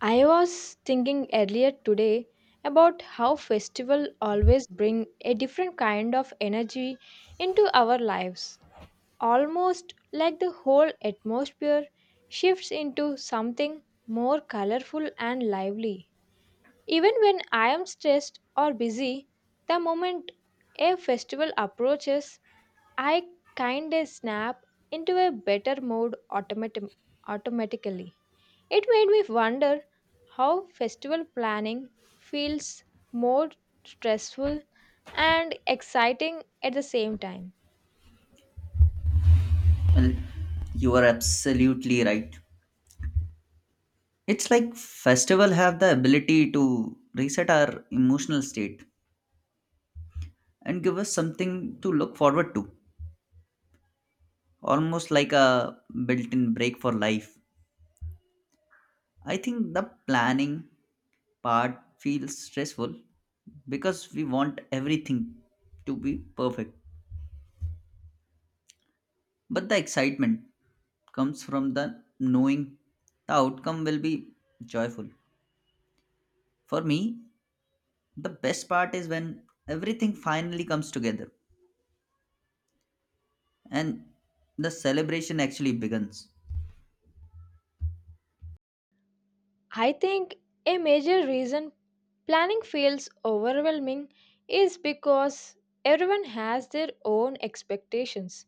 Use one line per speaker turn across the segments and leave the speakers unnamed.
I was thinking earlier today about how festivals always bring a different kind of energy into our lives. Almost like the whole atmosphere shifts into something more colorful and lively. Even when I am stressed or busy, the moment a festival approaches, I kinda snap into a better mood automatically. It made me wonder how festival planning feels more stressful and exciting at the same time.
Well, you are absolutely right. It's like festival have the ability to reset our emotional state and give us something to look forward to, almost like a built-in break for life. I think the planning part feels stressful because we want everything to be perfect. But the excitement comes from the knowing the outcome will be joyful. For me, the best part is when everything finally comes together and the celebration actually begins.
I think a major reason planning feels overwhelming is because everyone has their own expectations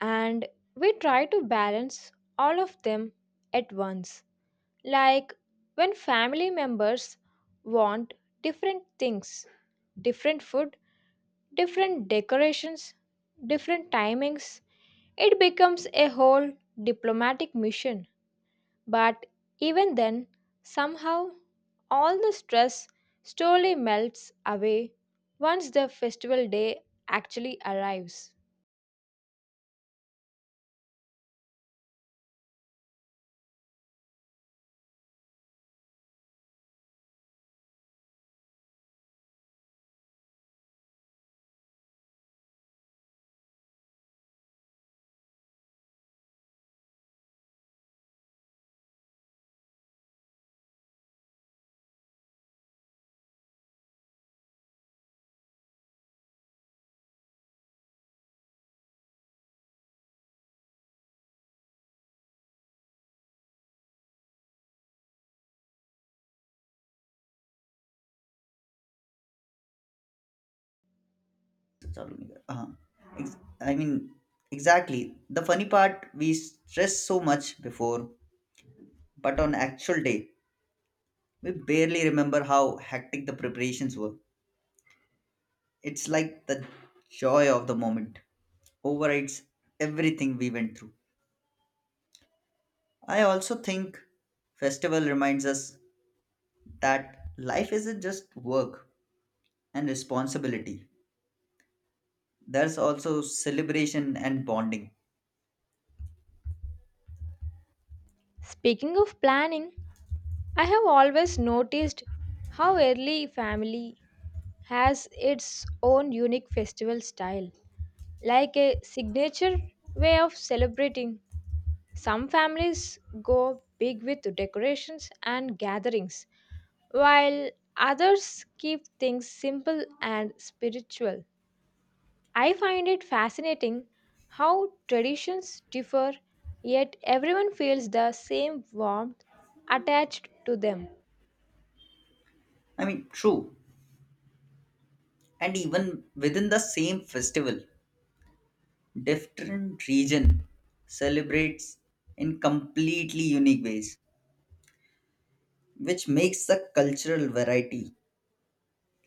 and we try to balance all of them at once. Like when family members want different things, different food, different decorations, different timings. It becomes a whole diplomatic mission. But even then, somehow, all the stress slowly melts away once the festival day actually arrives.
चालू नहीं कर- हाँ. I mean exactly, the funny part, we stress so much before, but on actual day we barely remember how hectic the preparations were. It's like the joy of the moment overrides everything we went through. I also think festival reminds us that life isn't just work and responsibility, there's also celebration and bonding.
Speaking of planning, I have always noticed how every family has its own unique festival style, like a signature way of celebrating. Some families go big with decorations and gatherings, while others keep things simple and spiritual. I find it fascinating how traditions differ, yet everyone feels the same warmth attached to them.
I mean, true. And even within the same festival, different region celebrates in completely unique ways, which makes the cultural variety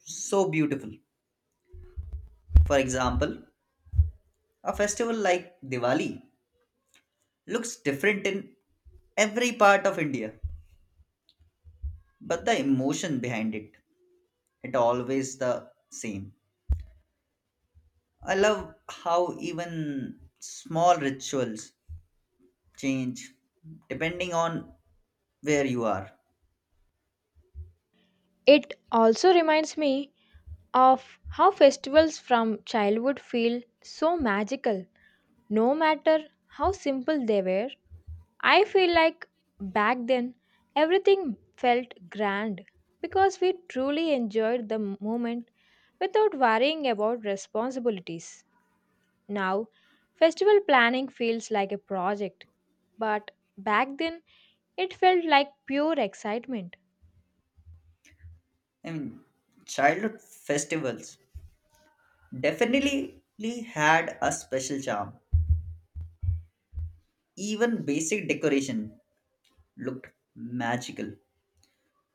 so beautiful. For example, a festival like Diwali looks different in every part of India, but the emotion behind it, it always the same. I love how even small rituals change depending on where you are.
It also reminds me of how festivals from childhood feel so magical, no matter how simple they were. I feel like back then everything felt grand because we truly enjoyed the moment without worrying about responsibilities. Now, festival planning feels like a project, but back then it felt like pure excitement.
I mean, childhood festivals definitely had a special charm. Even basic decoration looked magical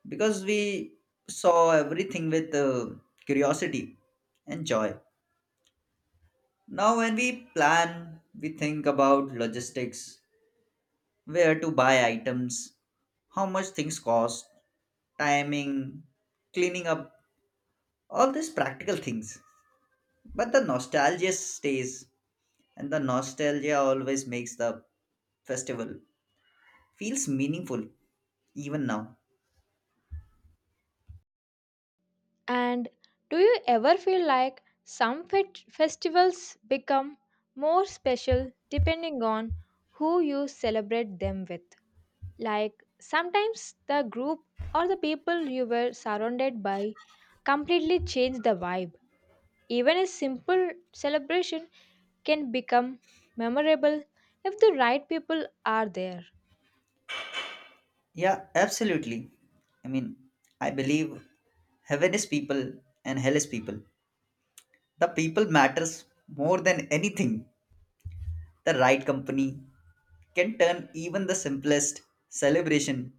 because we saw everything with curiosity and joy. Now, when we plan, we think about logistics, where to buy items, how much things cost, timing, cleaning up, all these practical things. But the nostalgia stays, and the nostalgia always makes the festival feels meaningful even now.
And do you ever feel like some festivals become more special depending on who you celebrate them with? Like sometimes the group or the people you were surrounded by completely change the vibe. Even a simple celebration can become memorable if the right people are there.
Yeah, absolutely. I mean, I believe heaven is people and hell is people. The people matters more than anything. The right company can turn even the simplest celebration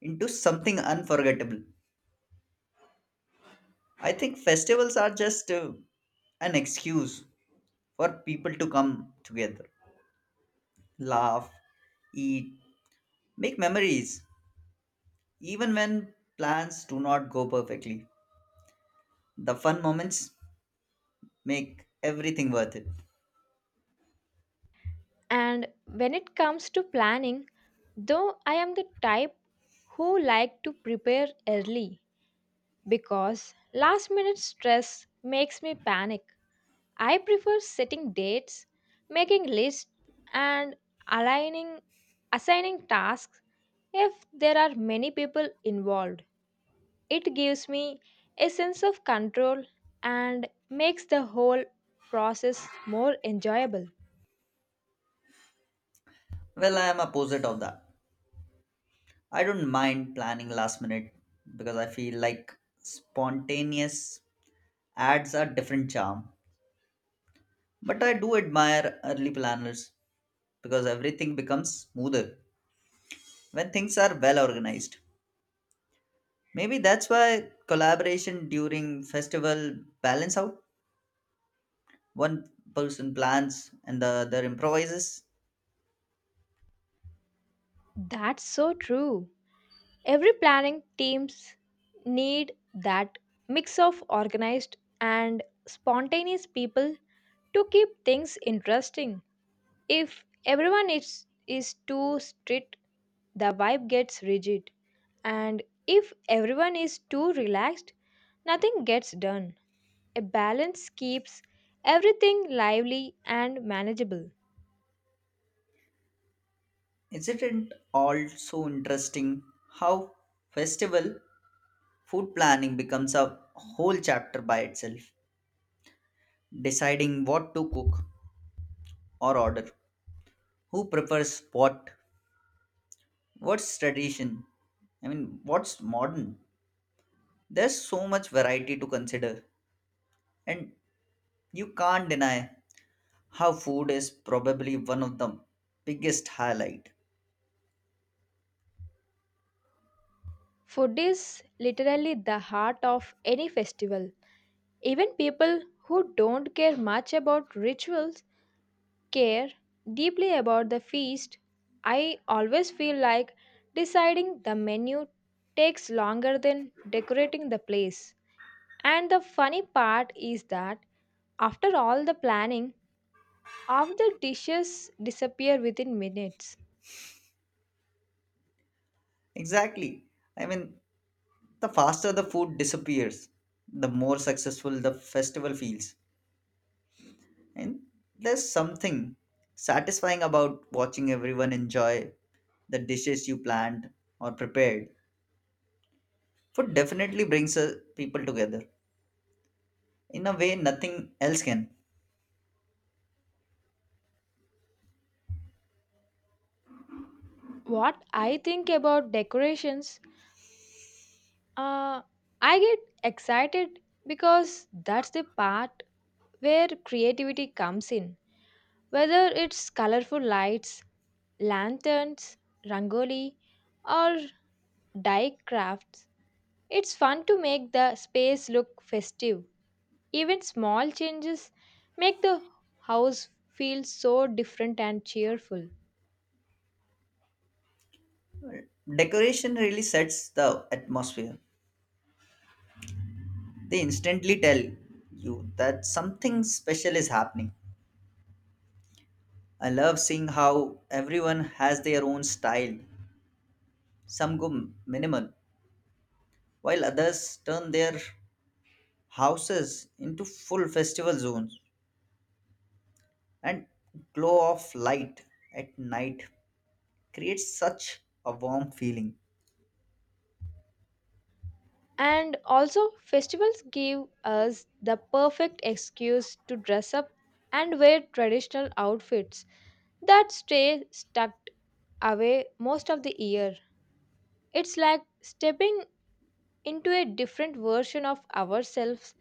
into something unforgettable. I think festivals are just an excuse for people to come together. Laugh, eat, make memories, even when plans do not go perfectly. The fun moments make everything worth it.
And when it comes to planning, though I am the type who like to prepare early because last minute stress makes me panic. I prefer setting dates, making lists and aligning assigning tasks if there are many people involved. It gives me a sense of control and makes the whole process more enjoyable.
Well, I am opposite of that. I don't mind planning last minute because I feel like spontaneous adds a different charm. But I do admire early planners because everything becomes smoother when things are well organized. Maybe that's why collaboration during festival balance out, one person plans and the other improvises.
That's so true. Every planning teams need that mix of organized and spontaneous people to keep things interesting. If everyone is too strict, the vibe gets rigid, and if everyone is too relaxed, nothing gets done. A balance keeps everything lively and manageable.
Isn't it also interesting how festival food planning becomes a whole chapter by itself? Deciding what to cook or order, who prefers what, what's tradition, I mean, what's modern? There's so much variety to consider, and you can't deny how food is probably one of the biggest highlight.
Food is literally the heart of any festival. Even people who don't care much about rituals care deeply about the feast. I always feel like deciding the menu takes longer than decorating the place. And the funny part is that after all the planning, half the dishes disappear within minutes.
Exactly. I mean, the faster the food disappears, the more successful the festival feels. And there's something satisfying about watching everyone enjoy the dishes you planned or prepared. Food definitely brings people together in a way nothing else can.
What I think about decorations, uh, I get excited because that's the part where creativity comes in. Whether it's colorful lights, lanterns, rangoli, or dye crafts, it's fun to make the space look festive. Even small changes make the house feel so different and cheerful.
Decoration really sets the atmosphere. They instantly tell you that something special is happening. I love seeing how everyone has their own style. Some go minimal, while others turn their houses into full festival zones, and glow of light at night creates such a warm feeling.
And also, festivals give us the perfect excuse to dress up and wear traditional outfits that stay stuck away most of the year. It's like stepping into a different version of ourselves,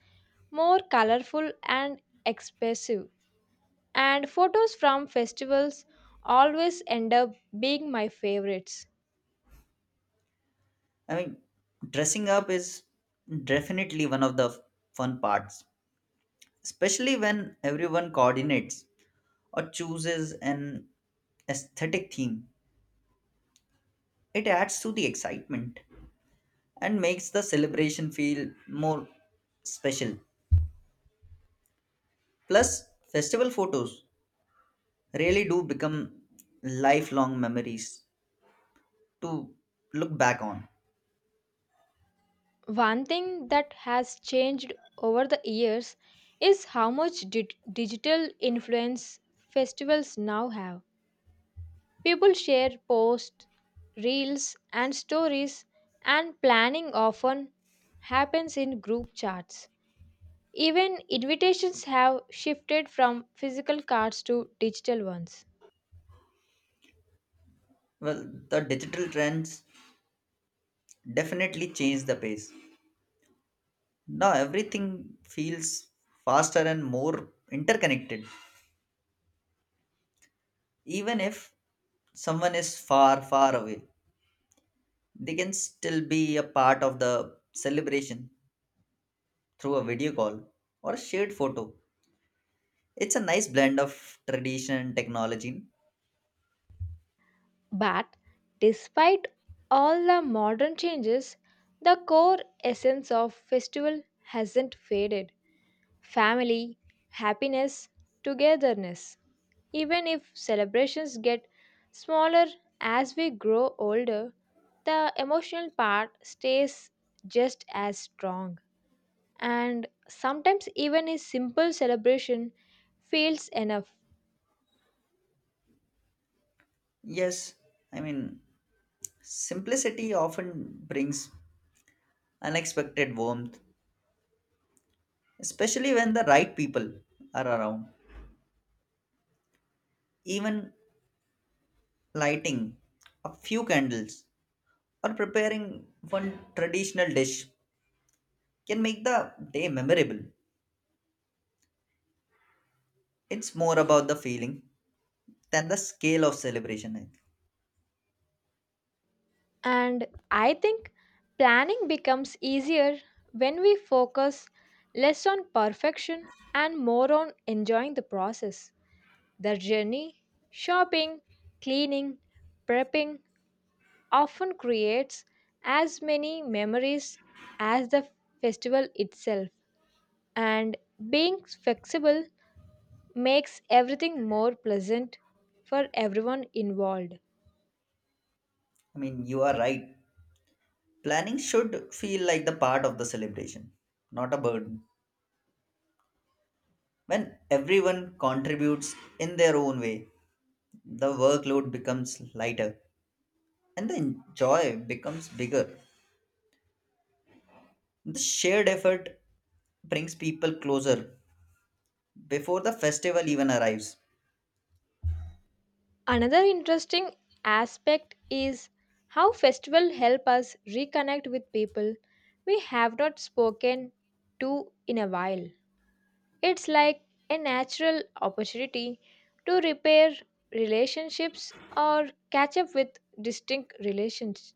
more colorful and expressive. And photos from festivals always end up being my favorites.
I mean, dressing up is definitely one of the fun parts, especially when everyone coordinates or chooses an aesthetic theme. It adds to the excitement and makes the celebration feel more special. Plus, festival photos really do become lifelong memories to look back on.
One thing that has changed over the years is how much digital influence festivals now have. People share posts, reels, and stories, and planning often happens in group chats. Even invitations have shifted from physical cards to digital ones.
Well, the digital trends definitely change the pace. Now everything feels faster and more interconnected. Even if someone is far, far away, they can still be a part of the celebration through a video call or a shared photo. It's a nice blend of tradition and technology.
But despite all the modern changes, the core essence of festival hasn't faded: family, happiness, togetherness. Even if celebrations get smaller as we grow older, the emotional part stays just as strong. And sometimes, even a simple celebration feels enough.
Yes, I mean, simplicity often brings unexpected warmth, especially when the right people are around. Even lighting a few candles or preparing one traditional dish can make the day memorable. It's more about the feeling than the scale of celebration, I think.
And I think planning becomes easier when we focus less on perfection and more on enjoying the process. The journey, shopping, cleaning, prepping often creates as many memories as the festival itself, and being flexible makes everything more pleasant for everyone involved.
I mean, you are right. Planning should feel like the part of the celebration, not a burden. When everyone contributes in their own way, the workload becomes lighter and the joy becomes bigger. The shared effort brings people closer before the festival even arrives.
Another interesting aspect is how festival help us reconnect with people we have not spoken to in a while. It's like a natural opportunity to repair relationships or catch up with distinct relations.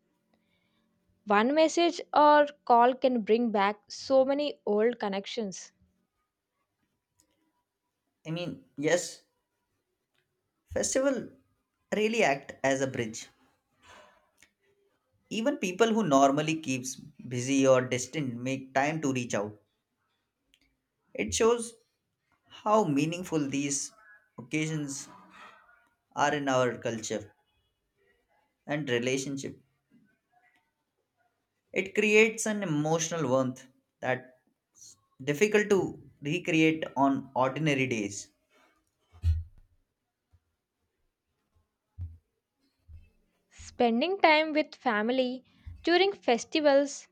One message or call can bring back so many old connections.
I mean, yes, festival really act as a bridge. Even people who normally keeps busy or distant make time to reach out. It shows how meaningful these occasions are in our culture and relationship. It creates an emotional warmth that difficult to recreate on ordinary days.
Spending time with family during festivals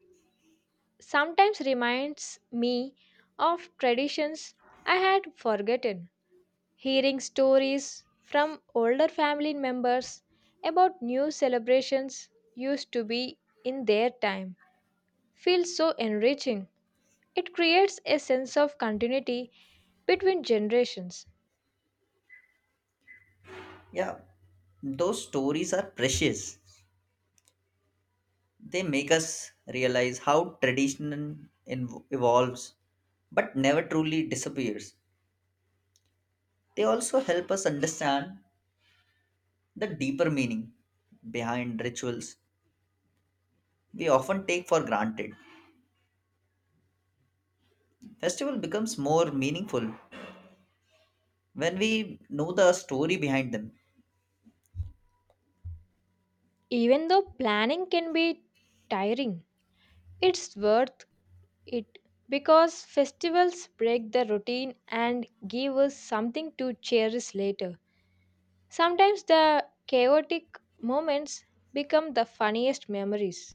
sometimes reminds me of traditions I had forgotten. Hearing stories from older family members about new celebrations used to be in their time feels so enriching. It creates a sense of continuity between generations.
Yeah, those stories are precious. They make us realize how tradition evolves but never truly disappears. They also help us understand the deeper meaning behind rituals we often take for granted. Festival becomes more meaningful when we know the story behind them.
Even though planning can be tiring, it's worth it because festivals break the routine and give us something to cherish later. Sometimes the chaotic moments become the funniest memories.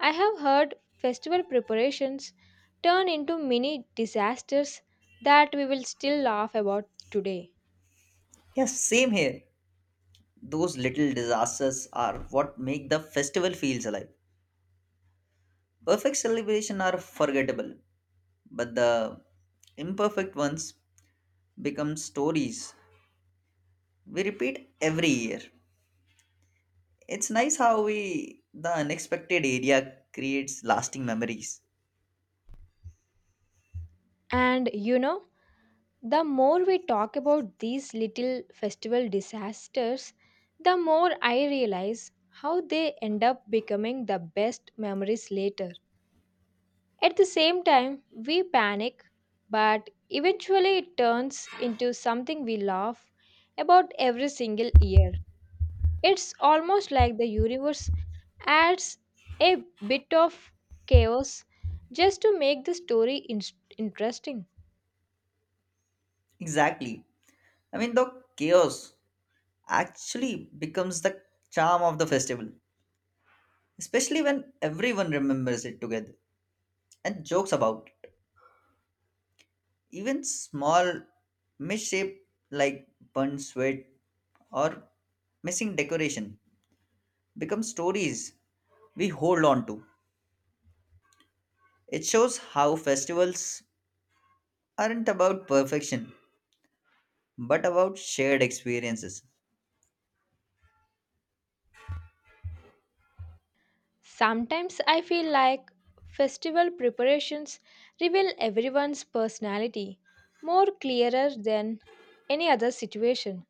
I have heard festival preparations turn into mini disasters that we will still laugh about today.
Yes, same here. Those little disasters are what make the festival feels alive. Perfect celebration are forgettable, but the imperfect ones become stories we repeat every year. It's nice how we the unexpected area creates lasting memories.
And you know, the more we talk about these little festival disasters, the more I realize how they end up becoming the best memories later. At the same time, we panic, but eventually it turns into something we laugh about every single year. It's almost like the universe adds a bit of chaos just to make the story interesting.
Exactly. I mean, the chaos actually becomes the charm of the festival, especially when everyone remembers it together and jokes about it. Even small misshape like burnt sweat or missing decoration become stories we hold on to. It shows how festivals aren't about perfection but about shared experiences.
Sometimes I feel like festival preparations reveal everyone's personality more clearer than any other situation.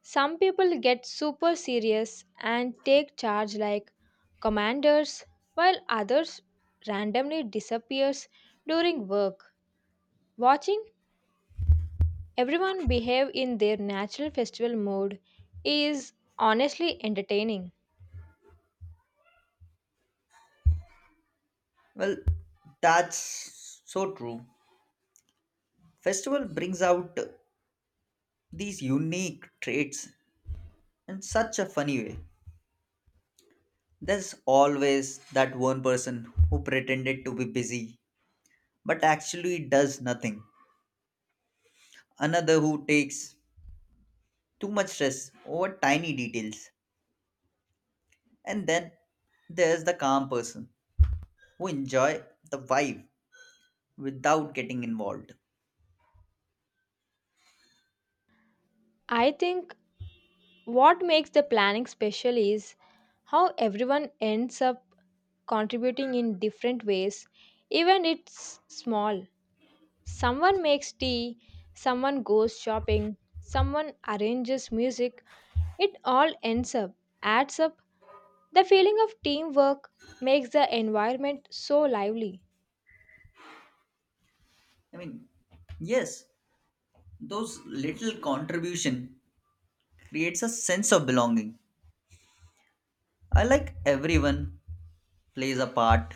Some people get super serious and take charge like commanders while others randomly disappears during work. Watching everyone behave in their natural festival mode is honestly entertaining.
Well, that's so true. Festival brings out these unique traits in such a funny way. There's always that one person who pretended to be busy but actually does nothing, another who takes too much stress over tiny details, and then there's the calm person who enjoy the vibe without getting involved.
I think what makes the planning special is how everyone ends up contributing in different ways, even it's small. Someone makes tea, someone goes shopping, someone arranges music. It all adds up. The feeling of teamwork makes the environment so lively.
I mean, yes, those little contribution creates a sense of belonging. I like everyone plays a part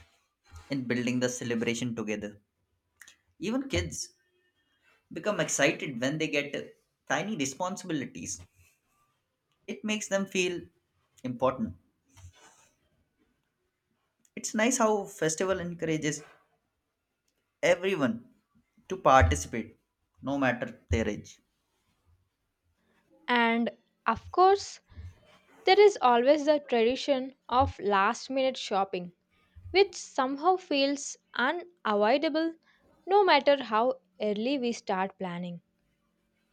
in building the celebration together. Even kids become excited when they get tiny responsibilities, it makes them feel important. It's nice how festival encourages everyone to participate no matter their age.
And of course, there is always the tradition of last minute shopping, which somehow feels unavoidable no matter how early we start planning.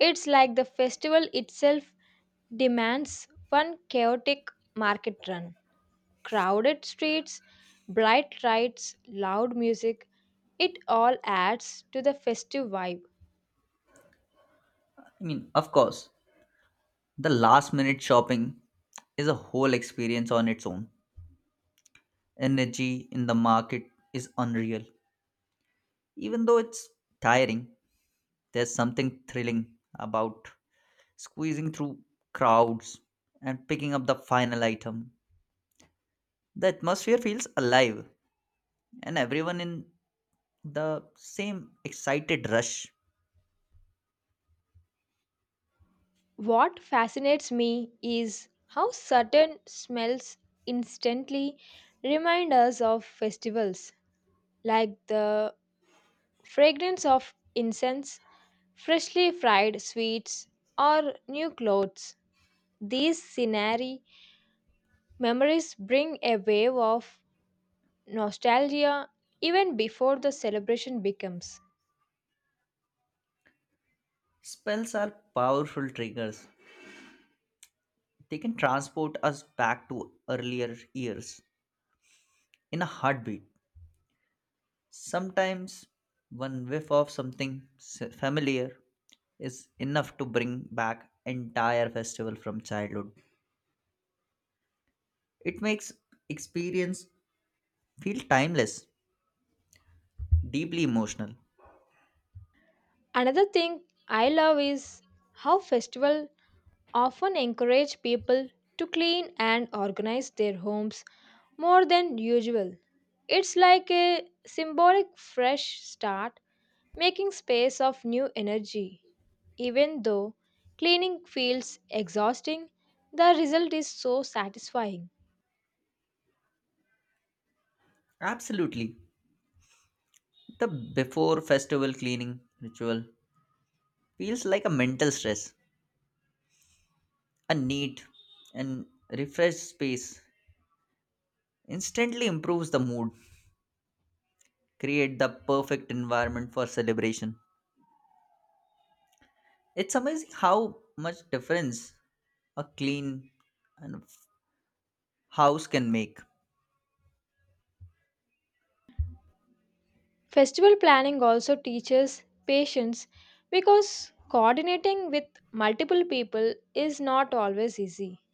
It's like the festival itself demands one chaotic market run. Crowded streets, bright lights, loud music, it all adds to the festive vibe.
I mean, of course the last minute shopping is a whole experience on its own. Energy in the market is unreal. Even though it's tiring, there's something thrilling about squeezing through crowds and picking up the final item. The atmosphere feels alive, and everyone in the same excited rush.
What fascinates me is how certain smells instantly remind us of festivals, like the fragrance of incense, freshly fried sweets, or new clothes. These scenery memories bring a wave of nostalgia even before the celebration becomes.
Spells are powerful triggers. They can transport us back to earlier years in a heartbeat. Sometimes one whiff of something familiar is enough to bring back entire festival from childhood. It makes experience feel timeless, deeply emotional.
Another thing I love is how festivals often encourage people to clean and organize their homes more than usual. It's like a symbolic fresh start, making space of new energy. Even though cleaning feels exhausting, the result is so satisfying.
Absolutely. The before festival cleaning ritual feels like a mental stress, a neat and refreshed space instantly improves the mood, create the perfect environment for celebration. It's amazing how much difference a clean and house can make.
Festival planning also teaches patience because coordinating with multiple people is not always easy.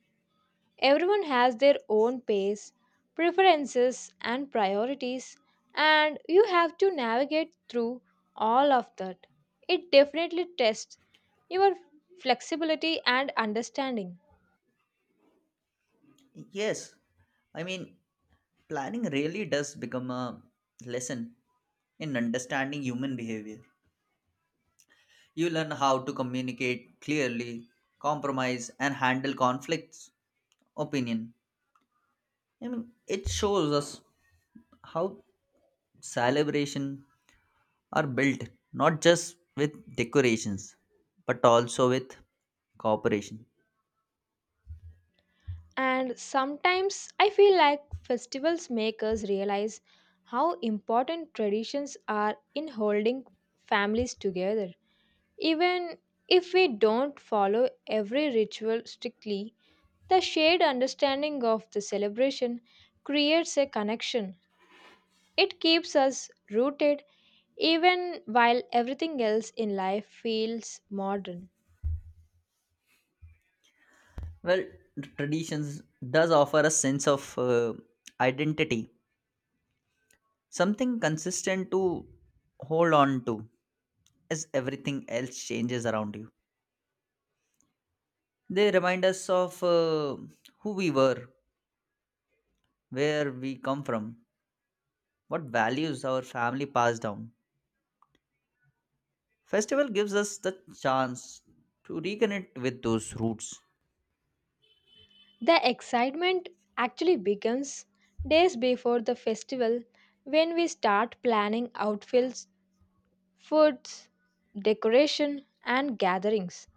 Everyone has their own pace, preferences, and priorities, and you have to navigate through all of that. It definitely tests your flexibility and understanding.
Yes, I mean, planning really does become a lesson in understanding human behavior. You learn how to communicate clearly, compromise, and handle conflicts. Opinion. I mean, it shows us how celebration are built not just with decorations but also with cooperation.
And sometimes I feel like festivals make us realize how important traditions are in holding families together. Even if we don't follow every ritual strictly, the shared understanding of the celebration creates a connection. It keeps us rooted even while everything else in life feels modern.
Well, traditions does offer a sense of identity, something consistent to hold on to as everything else changes around you. They remind us of who we were, where we come from, what values our family passed down. Festival gives us the chance to reconnect with those roots,
The excitement actually begins days before the festival when we start planning outfits, foods, decoration, and gatherings.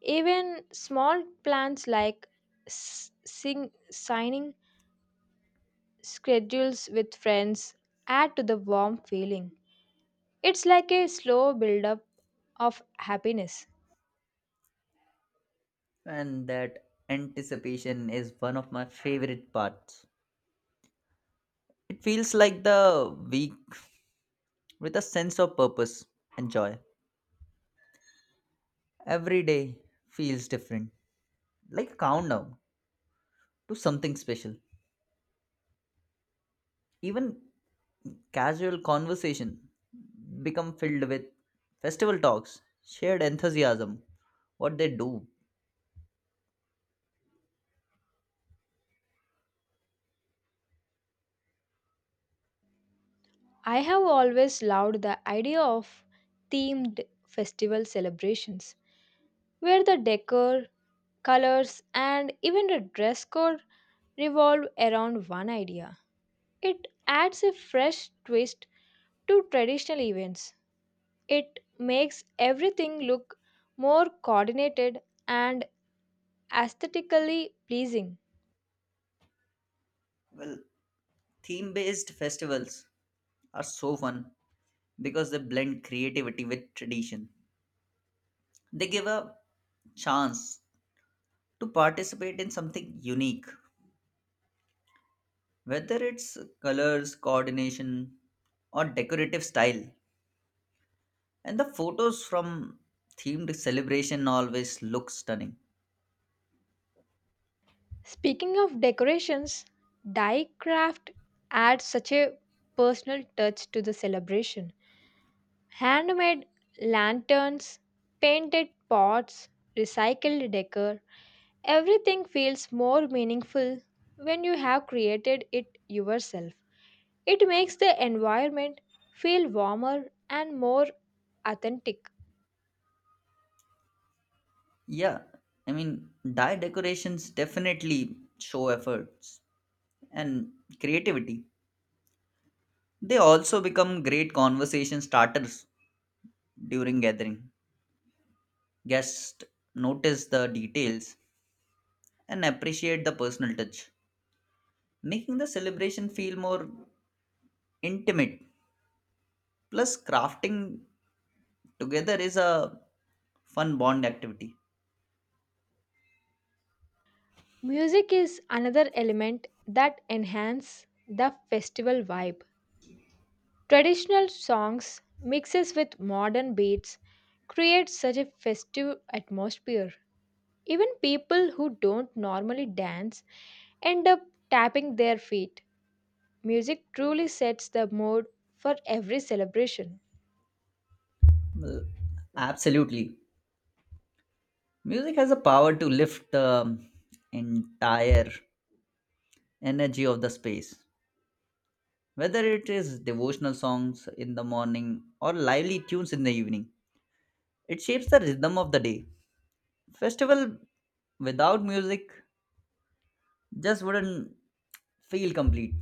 Even small plans like s- sing- signing schedules with friends add to the warm feeling. It's like a slow buildup of happiness.
and that anticipation is one of my favorite parts. It feels like the week with a sense of purpose and joy. Every day feels different, like a countdown to something special. Even casual conversation become filled with festival talks, shared enthusiasm, what they do.
I have always loved the idea of themed festival celebrations where the decor, colors, and even the dress code revolve around one idea. It adds a fresh twist to traditional events. It makes everything look more coordinated and aesthetically pleasing.
Well, theme-based festivals are so fun because they blend creativity with tradition. They give a chance to participate in something unique, whether it's colors, coordination, or decorative style. And the photos from themed celebration always look stunning.
Speaking of decorations, die craft adds such a personal touch to the celebration. Handmade lanterns, painted pots, recycled decor, everything feels more meaningful when you have created it yourself. It makes the environment feel warmer and more authentic.
Yeah, I mean, dye decorations definitely show efforts and creativity. They also become great conversation starters during gathering. Guests notice the details and appreciate the personal touch, making the celebration feel more intimate. Plus, crafting together is a fun bond activity.
Music is another element that enhances the festival vibe. Traditional songs mixes with modern beats create such a festive atmosphere. Even people who don't normally dance end up tapping their feet. Music truly sets the mood for every celebration.
Well, absolutely. Music has a power to lift the entire energy of the space, whether it is devotional songs in the morning or lively tunes in the evening. It shapes the rhythm of the day. Festival without music just wouldn't feel complete.